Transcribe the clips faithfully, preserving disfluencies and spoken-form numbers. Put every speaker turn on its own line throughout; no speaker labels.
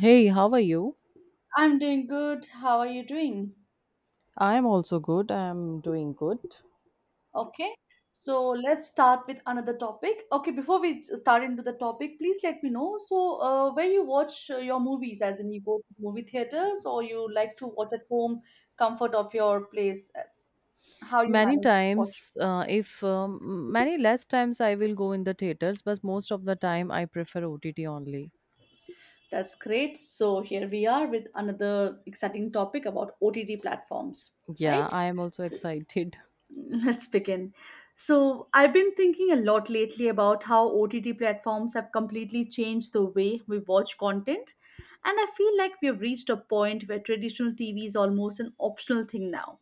Hey, how are you?
I'm doing good. How are you doing?
I'm also good. I'm doing good.
Okay. So let's start with another topic. Okay, before we start into the topic, please let me know. So, uh, where you watch uh, your movies, as in you go to movie theaters or you like to watch at home, comfort of your place, uh, how you
Many
manage to watch.
times, uh, if um, many less times I will go in the theaters, but most of the time I prefer O T T only.
That's great. So, here we are with another exciting topic about O T T platforms,
Yeah,
right?
I am also excited.
Let's begin. So, I've been thinking a lot lately about how O T T platforms have completely changed the way we watch content. And I feel like we have reached a point where traditional T V is almost an optional thing now.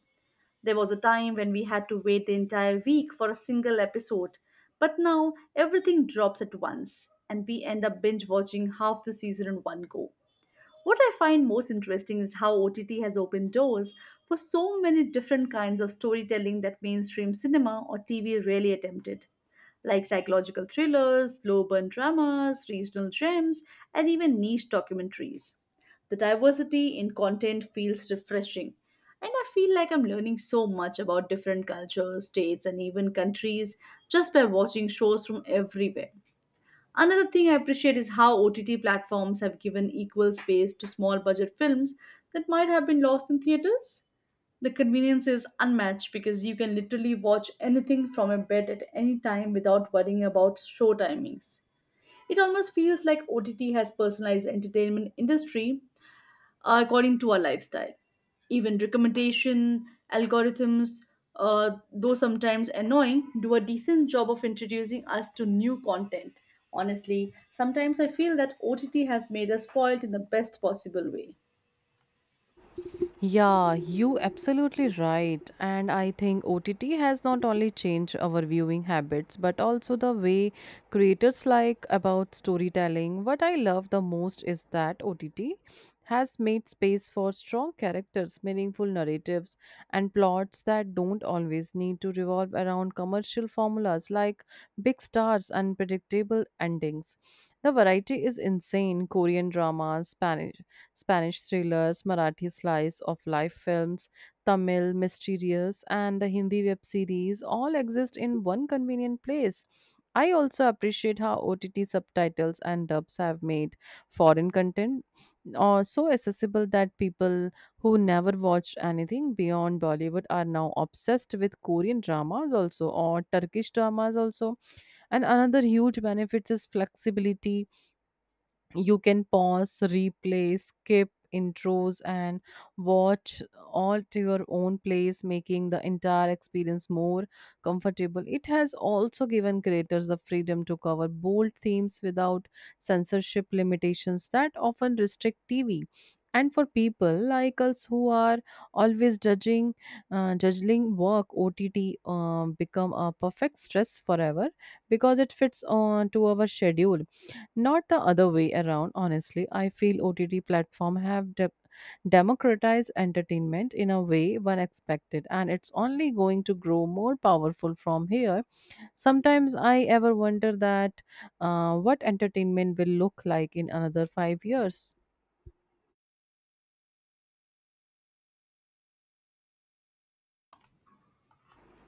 There was a time when we had to wait the entire week for a single episode, but now everything drops at once, and we end up binge watching half the season in one go. What I find most interesting is how O T T has opened doors for so many different kinds of storytelling that mainstream cinema or T V rarely attempted, like psychological thrillers, slow burn dramas, regional gems, and even niche documentaries. The diversity in content feels refreshing, and I feel like I'm learning so much about different cultures, states, and even countries just by watching shows from everywhere. Another thing I appreciate is how O T T platforms have given equal space to small budget films that might have been lost in theaters. The convenience is unmatched because you can literally watch anything from your bed at any time without worrying about show timings. It almost feels like O T T has personalized entertainment industry according to our lifestyle. Even recommendation algorithms, uh, though sometimes annoying, do a decent job of introducing us to new content. Honestly, sometimes I feel that O T T has made us spoiled in the best possible way.
Yeah, you absolutely right. And I think O T T has not only changed our viewing habits but also the way creators like about storytelling. What I love the most is that O T T has made space for strong characters, meaningful narratives, and plots that don't always need to revolve around commercial formulas like big stars and predictable endings. The variety is insane Korean dramas, Spanish Spanish thrillers, Marathi slice of life films, Tamil mysterious, and the Hindi web series all exist in one convenient place. I also appreciate how O T T subtitles and dubs have made foreign content uh, so accessible that people who never watched anything beyond Bollywood are now obsessed with Korean dramas also or Turkish dramas also. And another huge benefit is flexibility, you can pause, replay, skip intros, and watch all to your own place, making the entire experience more comfortable. It has also given creators the freedom to cover bold themes without censorship limitations that often restrict T V. And for people like us who are always judging, uh, judging work, O T T um, become a perfect stress forever because it fits on to our schedule not the other way around. Honestly, I feel O T T platform have de- democratized entertainment in a way one expected, and it's only going to grow more powerful from here. Sometimes I ever wonder that uh, what entertainment will look like in another five years.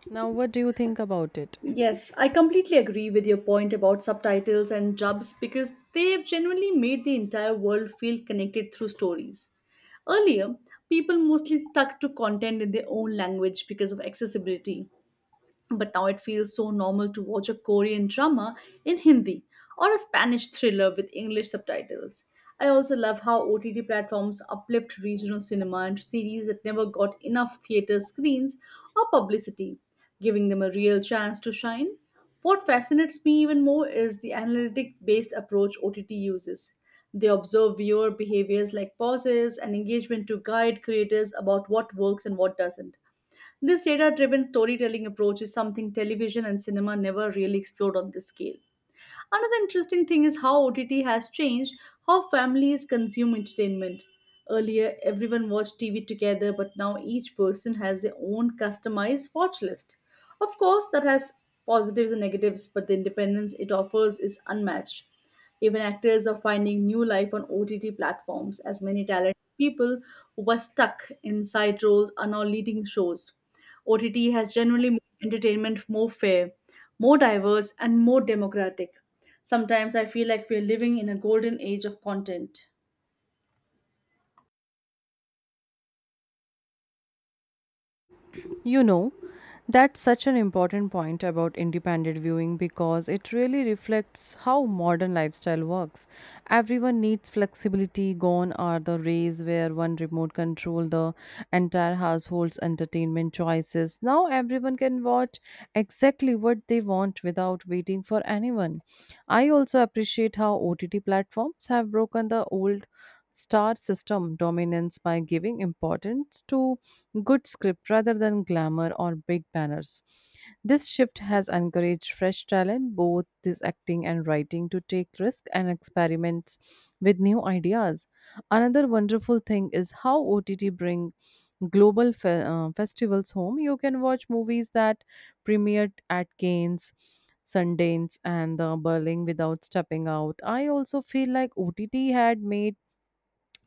Now, what do you think about it?
Yes, I completely agree with your point about subtitles and dubs because they've genuinely made the entire world feel connected through stories. Earlier, people mostly stuck to content in their own language because of accessibility, but now it feels so normal to watch a Korean drama in Hindi or a Spanish thriller with English subtitles. I also love how O T T platforms uplift regional cinema and series that never got enough theater screens or publicity, giving them a real chance to shine. What fascinates me even more is the analytic based approach O T T uses. They observe viewer behaviors like pauses and engagement to guide creators about what works and what doesn't. This data driven storytelling approach is something television and cinema never really explored on this scale. Another interesting thing is how O T T has changed how families consume entertainment. Earlier, everyone watched T V together, but now each person has their own customized watch list. Of course, that has positives and negatives, but the independence it offers is unmatched. Even actors are finding new life on O T T platforms, as many talented people who were stuck in side roles are now leading shows. O T T has generally made entertainment more fair, more diverse, and more democratic. Sometimes I feel like we're living in a golden age of content.
You know, That's such an important point about independent viewing because it really reflects how modern lifestyle works. Everyone needs flexibility. Gone are the days where one remote control the entire household's entertainment choices. Now everyone can watch exactly what they want without waiting for anyone. I also appreciate how O T T platforms have broken the old star system dominance by giving importance to good script rather than glamour or big banners. This shift has encouraged fresh talent, both this acting and writing, to take risks and experiments with new ideas. Another wonderful thing is how O T T bring global fe- uh, festivals home. You can watch movies that premiered at Cannes, Sundance, and the Berlin without stepping out. I also feel like O T T had made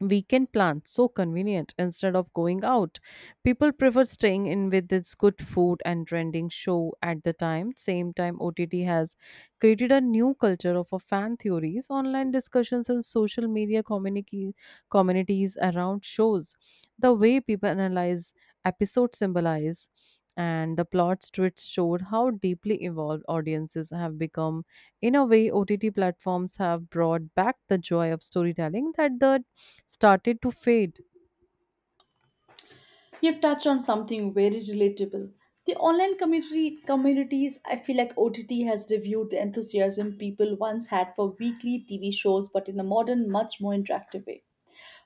weekend plans so convenient. Instead of going out, people prefer staying in with its good food and trending show. At the time, same time, OTT has created a new culture of a fan theories, online discussions, and social media community, communities around shows. The way people analyze episodes, symbolize, and the plots to it showed how deeply involved audiences have become. In a way, O T T platforms have brought back the joy of storytelling that the started to fade.
You've touched on something very relatable. The online community communities, I feel like O T T has reviewed the enthusiasm people once had for weekly T V shows, but in a modern, much more interactive way.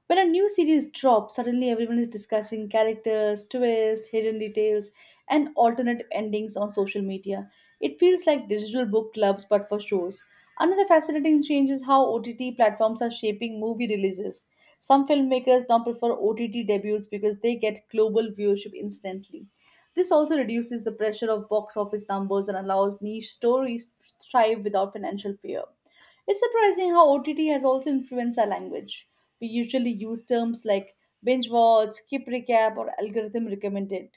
When a new series drops, suddenly everyone is discussing characters, twists, hidden details, and alternate endings on social media. It feels like digital book clubs but for shows. Another fascinating change is how O T T platforms are shaping movie releases. Some filmmakers now prefer O T T debuts because they get global viewership instantly. This also reduces the pressure of box office numbers and allows niche stories to thrive without financial fear. It's surprising how O T T has also influenced our language. We usually use terms like binge watch, skip recap, or algorithm recommended.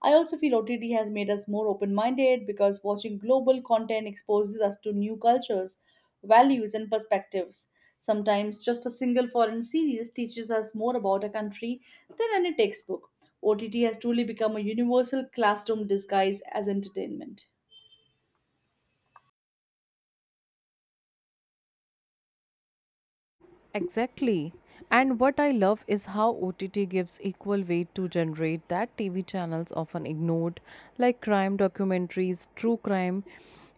I also feel O T T has made us more open minded because watching global content exposes us to new cultures, values, and perspectives. Sometimes just a single foreign series teaches us more about a country than any textbook. O T T has truly become a universal classroom disguised as entertainment.
Exactly. And what I love is how O T T gives equal weight to generate that T V channels often ignored, like crime documentaries, true crime,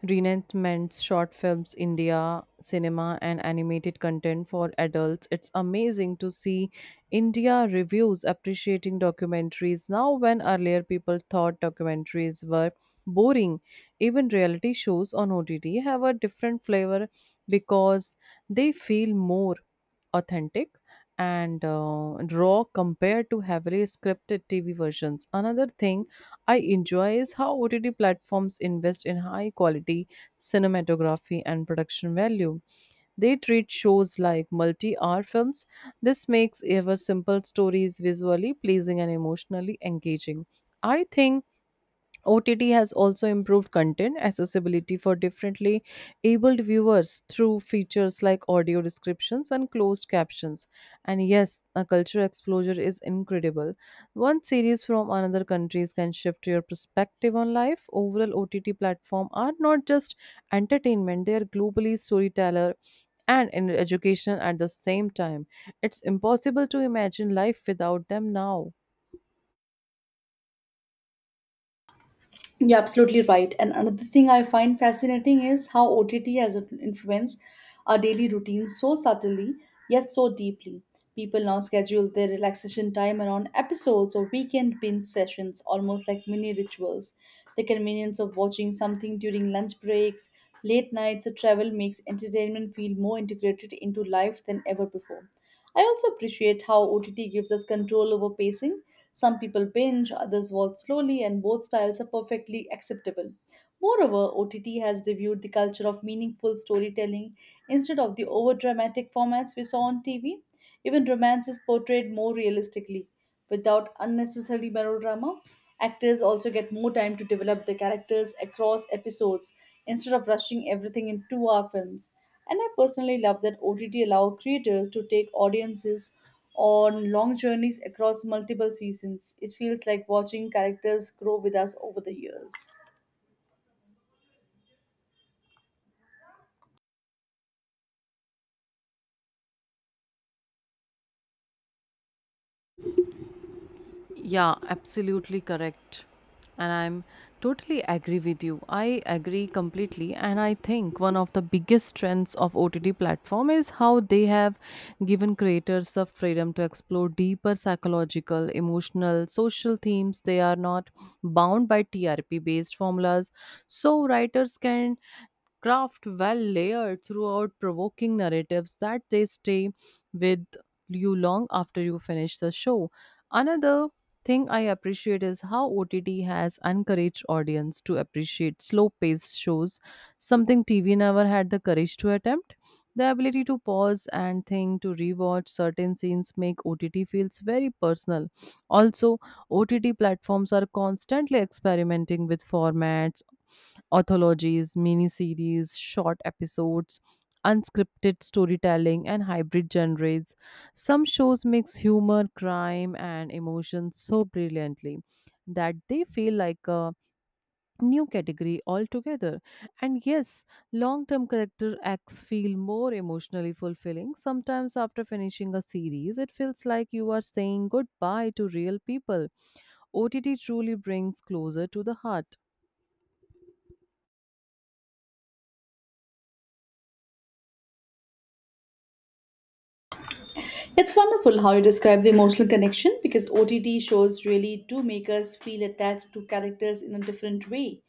reenactments, short films, India cinema, and animated content for adults. It's amazing to see India reviews appreciating documentaries now when earlier people thought documentaries were boring. Even reality shows on O T T have a different flavor because they feel more authentic and uh, raw compared to heavily scripted T V versions. Another thing I enjoy is how O T T platforms invest in high quality cinematography and production value. They treat shows like multi hour films. This makes ever simple stories visually pleasing and emotionally engaging. I think O T T has also improved content accessibility for differently abled viewers through features like audio descriptions and closed captions. And yes, a cultural exposure is incredible. One series from another countries can shift your perspective on life. Overall, O T T platforms are not just entertainment; they are globally storyteller and in education at the same time. It's impossible to imagine life without them now.
You're absolutely right. And another thing I find fascinating is how O T T has influenced our daily routine so subtly, yet so deeply. People now schedule their relaxation time around episodes or weekend binge sessions, almost like mini rituals. The convenience of watching something during lunch breaks, late nights, or travel makes entertainment feel more integrated into life than ever before. I also appreciate how O T T gives us control over pacing. Some people binge, others walk slowly, and both styles are perfectly acceptable. Moreover, O T T has reviewed the culture of meaningful storytelling instead of the over dramatic formats we saw on T V. Even romance is portrayed more realistically, without unnecessary melodrama. Actors also get more time to develop their characters across episodes instead of rushing everything in two hour films. And I personally love that O T T allow creators to take audiences on long journeys across multiple seasons. It feels like watching characters grow with us over the years.
Yeah, absolutely correct. And I'm totally agree with you. I agree completely. And I think one of the biggest strengths of O T T platform is how they have given creators the freedom to explore deeper psychological, emotional, social themes. They are not bound by T R P based formulas. So writers can craft well layered throughout provoking narratives that they stay with you long after you finish the show. Another thing I appreciate is how O T T has encouraged audience to appreciate slow-paced shows, something T V never had the courage to attempt. The ability to pause and think to rewatch certain scenes make O T T feels very personal. Also, O T T platforms are constantly experimenting with formats, anthologies, miniseries, short episodes, unscripted storytelling, and hybrid genres. Some shows mix humor, crime, and emotion so brilliantly that they feel like a new category altogether. And yes, long term character acts feel more emotionally fulfilling. Sometimes, after finishing a series, it feels like you are saying goodbye to real people. O T T truly brings closer to the heart.
It's wonderful how you describe the emotional connection because O T T shows really do make us feel attached to characters in a different way.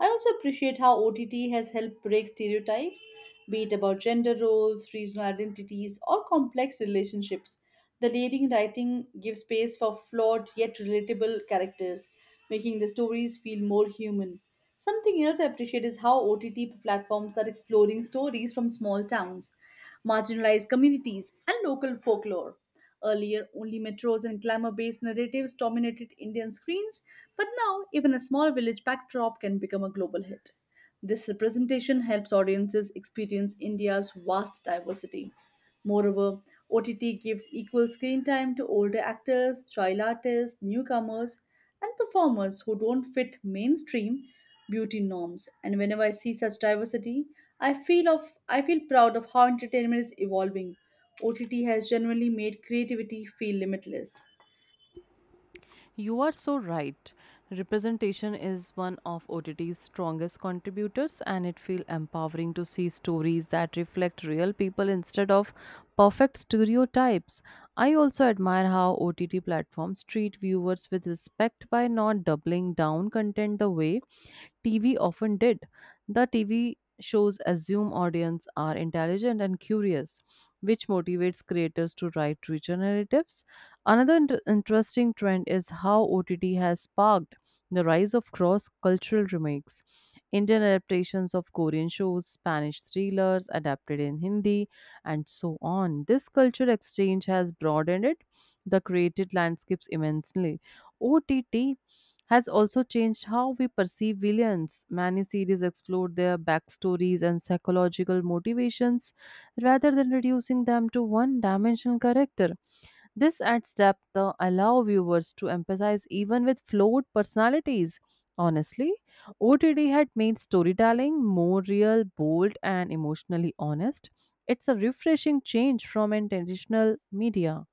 I also appreciate how O T T has helped break stereotypes, be it about gender roles, regional identities, or complex relationships. The leading writing gives space for flawed yet relatable characters, making the stories feel more human. Something else I appreciate is how O T T platforms are exploring stories from small towns, marginalized communities, and local folklore. Earlier, only metros and glamour based narratives dominated Indian screens, but now even a small village backdrop can become a global hit. This representation helps audiences experience India's vast diversity. Moreover, O T T gives equal screen time to older actors, child artists, newcomers, and performers who don't fit mainstream beauty norms. And whenever I see such diversity, I feel of I feel proud of how entertainment is evolving. O T T has generally made creativity feel limitless.
You are so right. Representation is one of O T T's strongest contributors, and it feels empowering to see stories that reflect real people instead of perfect stereotypes. I also admire how O T T platforms treat viewers with respect by not doubling down content the way T V often did. The T V shows assume audience are intelligent and curious, which motivates creators to write richer narratives. Another inter- interesting trend is how O T T has sparked the rise of cross cultural remakes. Indian adaptations of Korean shows, Spanish thrillers adapted in Hindi, and so on. This culture exchange has broadened it, the created landscapes immensely. O T T has also changed how we perceive villains. Many series explored their backstories and psychological motivations rather than reducing them to one dimensional character. This adds depth to allow viewers to emphasize even with flawed personalities. Honestly, O T D had made storytelling more real, bold, and emotionally honest. It's a refreshing change from an traditional media.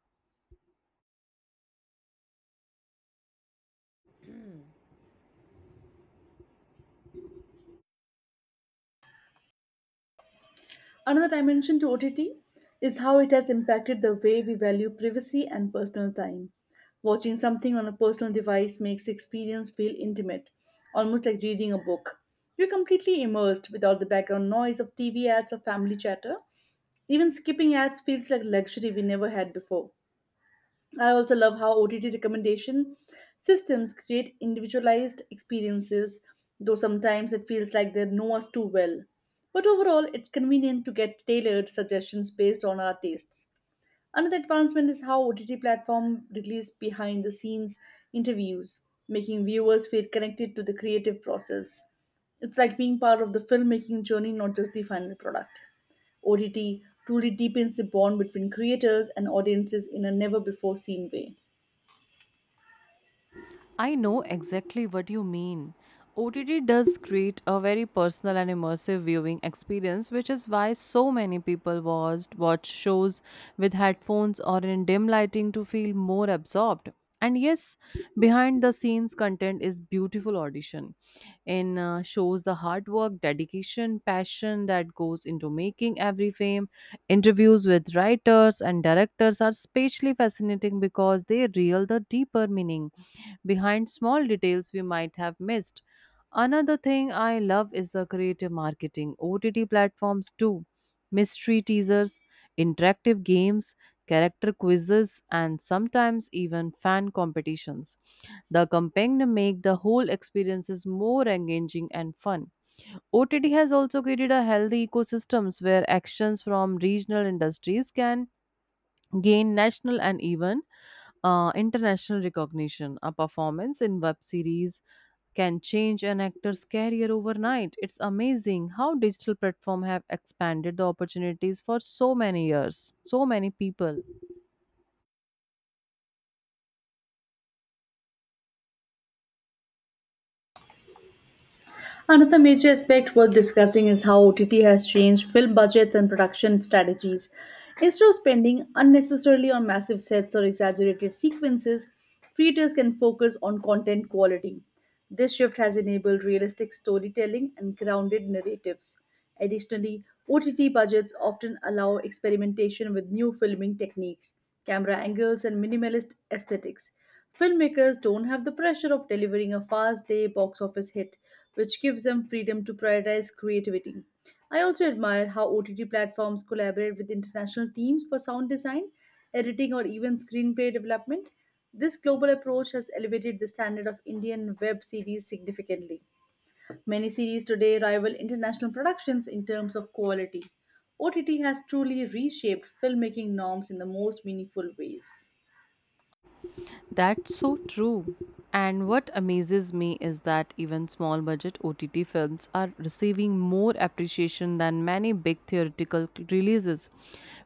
Another dimension to O T T is how it has impacted the way we value privacy and personal time. Watching something on a personal device makes the experience feel intimate, almost like reading a book. You're completely immersed without the background noise of T V ads or family chatter. Even skipping ads feels like luxury we never had before. I also love how O T T recommendation systems create individualized experiences, though sometimes it feels like they know us too well. But overall, it's convenient to get tailored suggestions based on our tastes. Another advancement is how O T T platform release behind the scenes interviews, making viewers feel connected to the creative process. It's like being part of the filmmaking journey, not just the final product. O T T truly deepens the bond between creators and audiences in a never before seen way.
I know exactly what you mean. O T T does create a very personal and immersive viewing experience, which is why so many people watched watch shows with headphones or in dim lighting to feel more absorbed. And yes, behind the scenes content is beautiful audition in uh, shows the hard work, dedication, passion that goes into making every frame. Interviews with writers and directors are especially fascinating because they reveal the deeper meaning behind small details we might have missed. Another thing I love is the creative marketing, O T T platforms too, mystery teasers, interactive games, character quizzes, and sometimes even fan competitions. The campaign make the whole experiences more engaging and fun. O T T has also created a healthy ecosystems where actions from regional industries can gain national and even uh, international recognition. A performance in web series can change an actor's career overnight. It's amazing how digital platforms have expanded the opportunities for so many years, so many people.
Another major aspect worth discussing is how O T T has changed film budgets and production strategies. Instead of spending unnecessarily on massive sets or exaggerated sequences, creators can focus on content quality. This shift has enabled realistic storytelling and grounded narratives. Additionally, O T T budgets often allow experimentation with new filming techniques, camera angles, and minimalist aesthetics. Filmmakers don't have the pressure of delivering a fast day box office hit, which gives them freedom to prioritize creativity. I also admire how O T T platforms collaborate with international teams for sound design, editing, or even screenplay development. This global approach has elevated the standard of Indian web series significantly. Many series today rival international productions in terms of quality. O T T has truly reshaped filmmaking norms in the most meaningful ways.
That's so true. And what amazes me is that even small budget O T T films are receiving more appreciation than many big theatrical releases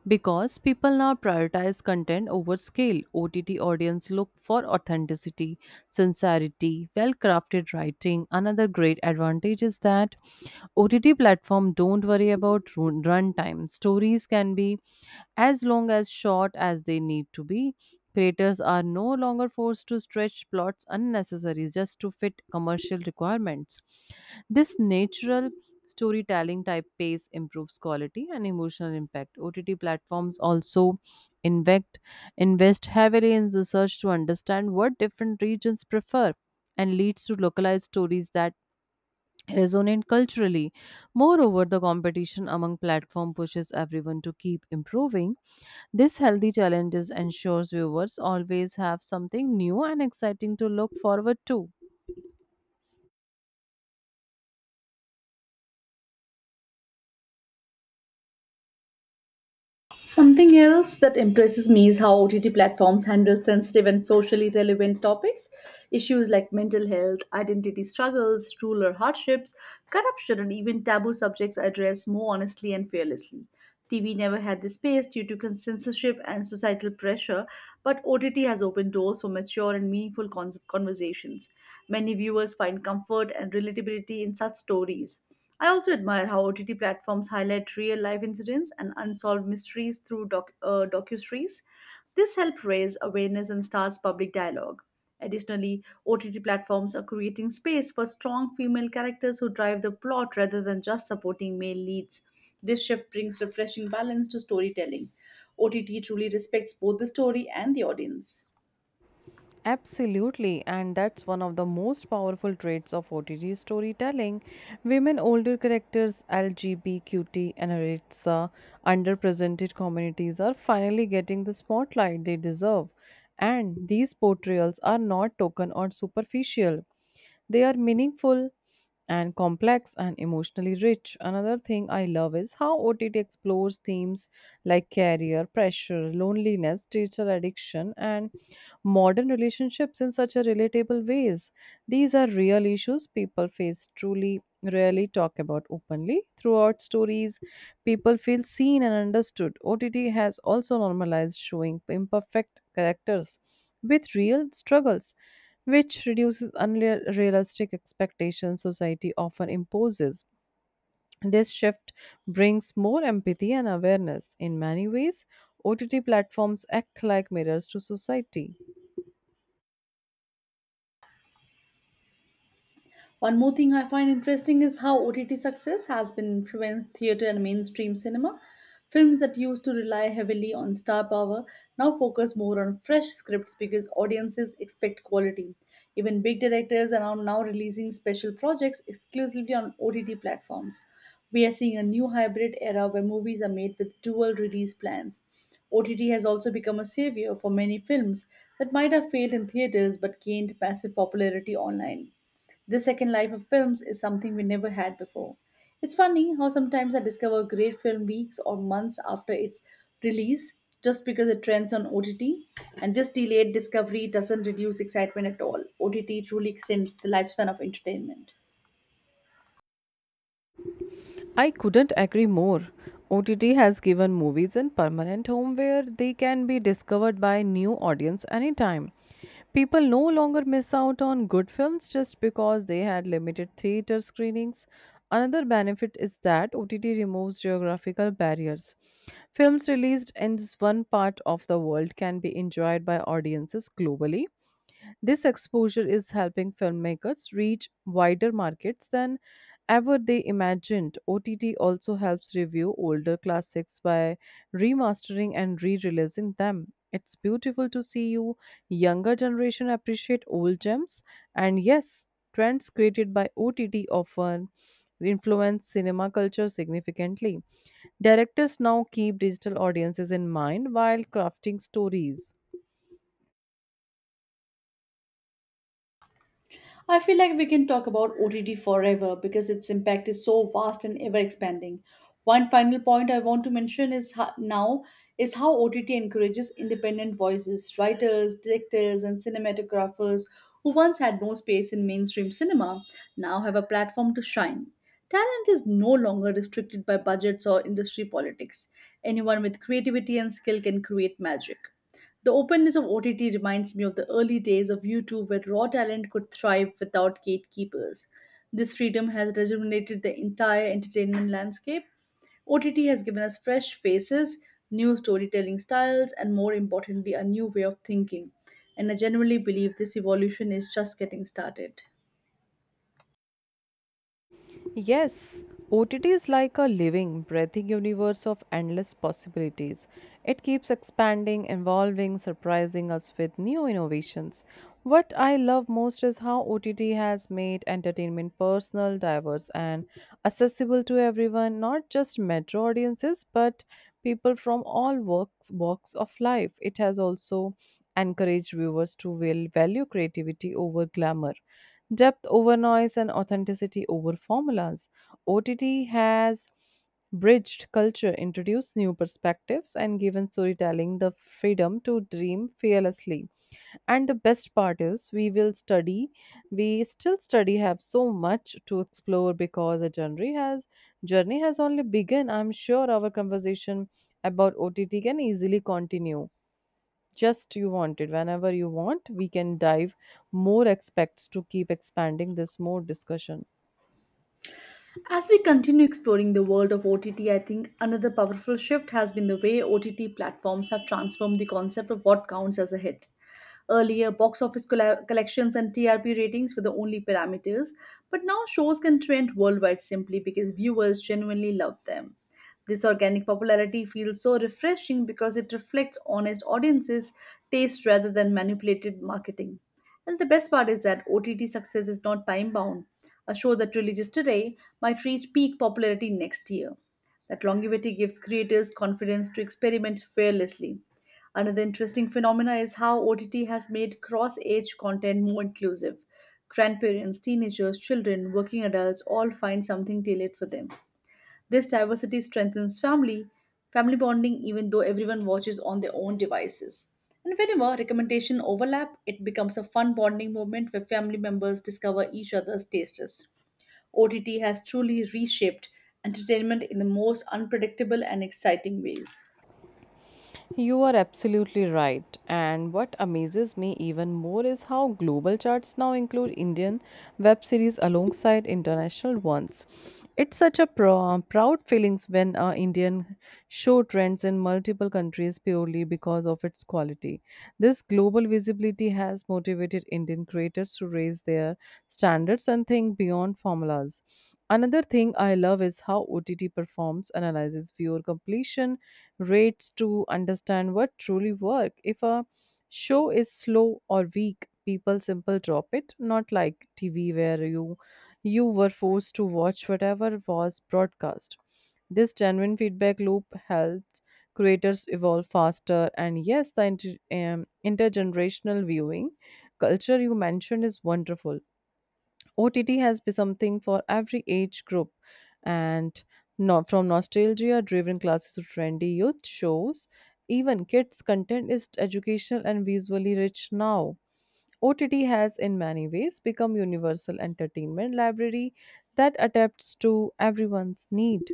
because people now prioritize content over scale. O T T audience look for authenticity, sincerity, well-crafted writing. Another great advantage is that O T T platform don't worry about run- runtime. Stories can be as long as short as they need to be. Creators are no longer forced to stretch plots unnecessarily just to fit commercial requirements. This natural storytelling type pace improves quality and emotional impact. O T T platforms also invest invest heavily in research to understand what different regions prefer and leads to localized stories that resonate culturally. Moreover, the competition among platform pushes everyone to keep improving. This healthy challenges ensures viewers always have something new and exciting to look forward to.
Something else that impresses me is how O T T platforms handle sensitive and socially relevant topics. Issues like mental health, identity struggles, rural hardships, corruption, and even taboo subjects are addressed more honestly and fearlessly. T V never had this space due to con- censorship and societal pressure, but O T T has opened doors for mature and meaningful cons- conversations. Many viewers find comfort and relatability in such stories. I also admire how O T T platforms highlight real life incidents and unsolved mysteries through doc- uh, docuseries. This helps raise awareness and starts public dialogue. Additionally, O T T platforms are creating space for strong female characters who drive the plot rather than just supporting male leads. This shift brings refreshing balance to storytelling. O T T truly respects both the story and the audience.
Absolutely, and that's one of the most powerful traits of O T T storytelling. Women older characters, LGBTQT, and it's the underrepresented communities are finally getting the spotlight they deserve. And these portrayals are not token or superficial. They are meaningful and complex and emotionally rich. Another thing I love is how O T T explores themes like career, pressure, loneliness, digital addiction, and modern relationships in such a relatable ways. These are real issues people face truly rarely talk about openly. Throughout stories, people feel seen and understood. O T T has also normalized showing imperfect characters with real struggles, which reduces unrealistic expectations society often imposes. This shift brings more empathy and awareness. In many ways, O T T platforms act like mirrors to society.
One more thing I find interesting is how O T T success has been influenced theatre and mainstream cinema. Films that used to rely heavily on star power now focus more on fresh scripts because audiences expect quality. Even big directors are now releasing special projects exclusively on O T T platforms. We are seeing a new hybrid era where movies are made with dual release plans. O T T has also become a savior for many films that might have failed in theaters but gained massive popularity online. This second life of films is something we never had before. It's funny how sometimes I discover a great film weeks or months after its release just because it trends on O T T, and this delayed discovery doesn't reduce excitement at all. O T T truly extends the lifespan of entertainment.
I couldn't agree more. O T T has given movies in permanent home where they can be discovered by new audience anytime. People no longer miss out on good films just because they had limited theater screenings. Another benefit is that O T T removes geographical barriers. Films released in this one part of the world can be enjoyed by audiences globally. This exposure is helping filmmakers reach wider markets than ever they imagined. O T T also helps review older classics by remastering and re-releasing them. It's beautiful to see you younger generation appreciate old gems. And yes, trends created by O T T often influence cinema culture significantly. Directors now keep digital audiences in mind while crafting stories.
I feel like we can talk about O T T forever because its impact is so vast and ever expanding. One final point I want to mention is ho- now is how O T T encourages independent voices, writers, directors, and cinematographers who once had no space in mainstream cinema now have a platform to shine. Talent is no longer restricted by budgets or industry politics. Anyone with creativity and skill can create magic. The openness of O T T reminds me of the early days of YouTube where raw talent could thrive without gatekeepers. This freedom has rejuvenated the entire entertainment landscape. O T T has given us fresh faces, new storytelling styles, and more importantly, a new way of thinking. And I generally believe this evolution is just getting started.
Yes, O T T is like a living, breathing universe of endless possibilities. It keeps expanding, evolving, surprising us with new innovations. What I love most is how O T T has made entertainment personal, diverse, and accessible to everyone, not just metro audiences, but people from all walks, walks of life. It has also encouraged viewers to will value creativity over glamour, depth over noise, and authenticity over formulas. O T T has bridged culture, introduced new perspectives, and given storytelling the freedom to dream fearlessly. And the best part is, we will study, we still study, have so much to explore because a journey has journey has only begun. I'm sure our conversation about O T T can easily continue just you want it whenever you want we can dive more aspects to keep expanding this more discussion.
As we continue exploring the world of O T T, I think another powerful shift has been the way O T T platforms have transformed the concept of what counts as a hit. Earlier, box office colla- collections and T R P ratings were the only parameters, but now shows can trend worldwide simply because viewers genuinely love them. This organic popularity feels so refreshing because it reflects honest audiences' taste rather than manipulated marketing. And the best part is that O T T success is not time bound. A show that releases today might reach peak popularity next year. That longevity gives creators confidence to experiment fearlessly. Another interesting phenomena is how O T T has made cross age content more inclusive. Grandparents, teenagers, children, working adults all find something tailored for them. This diversity strengthens family, family bonding even though everyone watches on their own devices. And whenever recommendation overlap, it becomes a fun bonding moment where family members discover each other's tastes. O T T has truly reshaped entertainment in the most unpredictable and exciting ways.
You are absolutely right. And what amazes me even more is how global charts now include Indian web series alongside international ones. It's such a pro- proud feelings when an Indian show trends in multiple countries purely because of its quality. This global visibility has motivated Indian creators to raise their standards and think beyond formulas. Another thing I love is how O T T performs, analyzes viewer completion rates to understand what truly work. If a show is slow or weak, people simple drop it, not like T V where you you were forced to watch whatever was broadcast. This genuine feedback loop helped creators evolve faster, and yes, the inter- um, intergenerational viewing culture you mentioned is wonderful. O T T has been something for every age group, and no, from nostalgia-driven classes to trendy youth shows, even kids' content is educational and visually rich now. O T T has, in many ways, become universal entertainment library that adapts to everyone's need.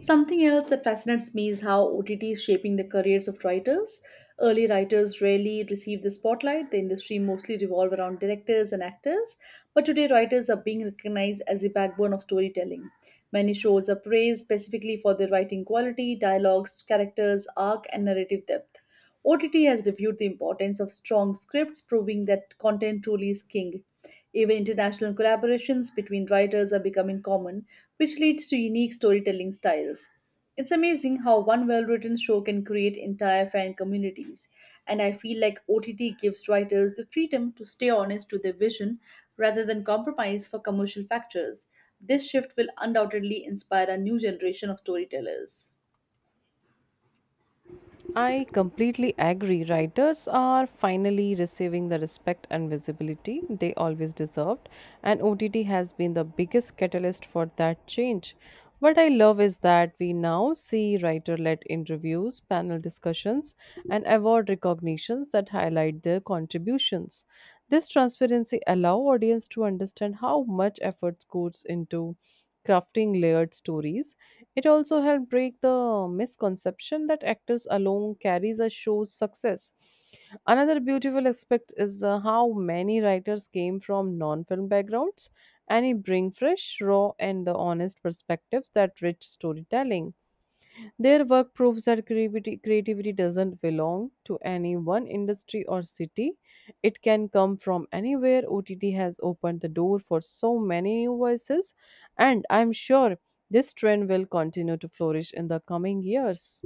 Something else that fascinates me is how O T T is shaping the careers of writers. Early writers rarely received the spotlight. The industry mostly revolved around directors and actors, but today writers are being recognized as the backbone of storytelling. Many shows are praised specifically for their writing quality, dialogues, characters, arc, and narrative depth. O T T has reviewed the importance of strong scripts, proving that content truly is king. Even international collaborations between writers are becoming common which leads to unique storytelling styles. It's amazing how one well written show can create entire fan communities, and I feel like O T T gives writers the freedom to stay honest to their vision rather than compromise for commercial factors. This shift will undoubtedly inspire a new generation of storytellers.
I completely agree. Writers are finally receiving the respect and visibility they always deserved, and O T T has been the biggest catalyst for that change. What I love is that we now see writer led interviews, panel discussions, and award recognitions that highlight their contributions. This transparency allows audience to understand how much effort goes into crafting layered stories. It also helped break the misconception that actors alone carries a show's success. Another beautiful aspect is uh, how many writers came from non-film backgrounds, and they bring fresh, raw, and uh, honest perspectives that rich storytelling. Their work proves that creativity, creativity doesn't belong to any one industry or city. It can come from anywhere. O T T has opened the door for so many new voices, and I'm sure this trend will continue to flourish in the coming years.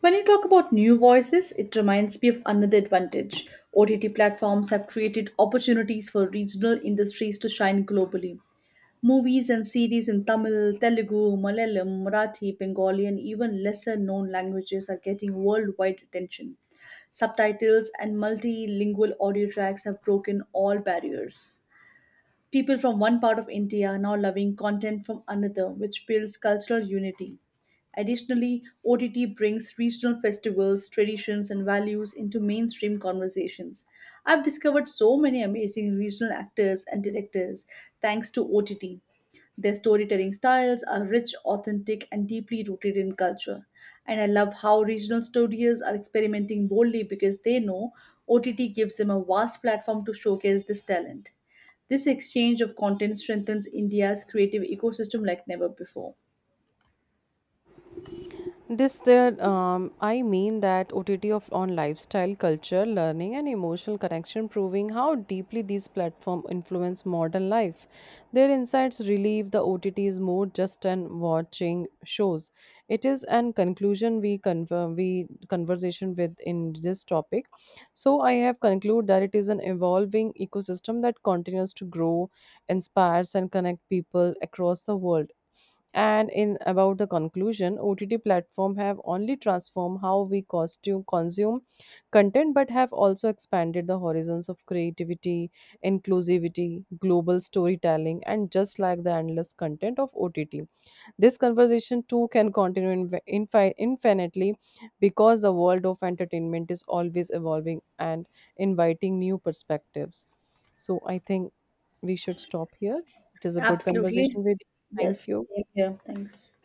When you talk about new voices, it reminds me of another advantage. O T T platforms have created opportunities for regional industries to shine globally. Movies and series in Tamil, Telugu, Malayalam, Marathi, Bengali, and even lesser known languages are getting worldwide attention. Subtitles and multilingual audio tracks have broken all barriers. People from one part of India are now loving content from another, which builds cultural unity. Additionally, O T T brings regional festivals, traditions, and values into mainstream conversations. I've discovered so many amazing regional actors and directors thanks to O T T. Their storytelling styles are rich, authentic, and deeply rooted in culture. And I love how regional studios are experimenting boldly because they know O T T gives them a vast platform to showcase this talent. This exchange of content strengthens India's creative ecosystem like never before.
This there, um, I mean that O T T of on lifestyle, culture, learning, and emotional connection, proving how deeply these platforms influence modern life. Their insights relieve the O T T is more just an watching shows. It is an conclusion we conver- we conversation with in this topic. So I have concluded that it is an evolving ecosystem that continues to grow, inspires, and connect people across the world. And in about the conclusion, O T T platform have only transformed how we costume, consume content, but have also expanded the horizons of creativity, inclusivity, global storytelling, and just like the endless content of O T T. This conversation too can continue in, infi- infinitely, because the world of entertainment is always evolving and inviting new perspectives. So I think we should stop here. It is a good
Absolutely.
conversation with you. Thank
Yes.
you.
Same here. Thanks.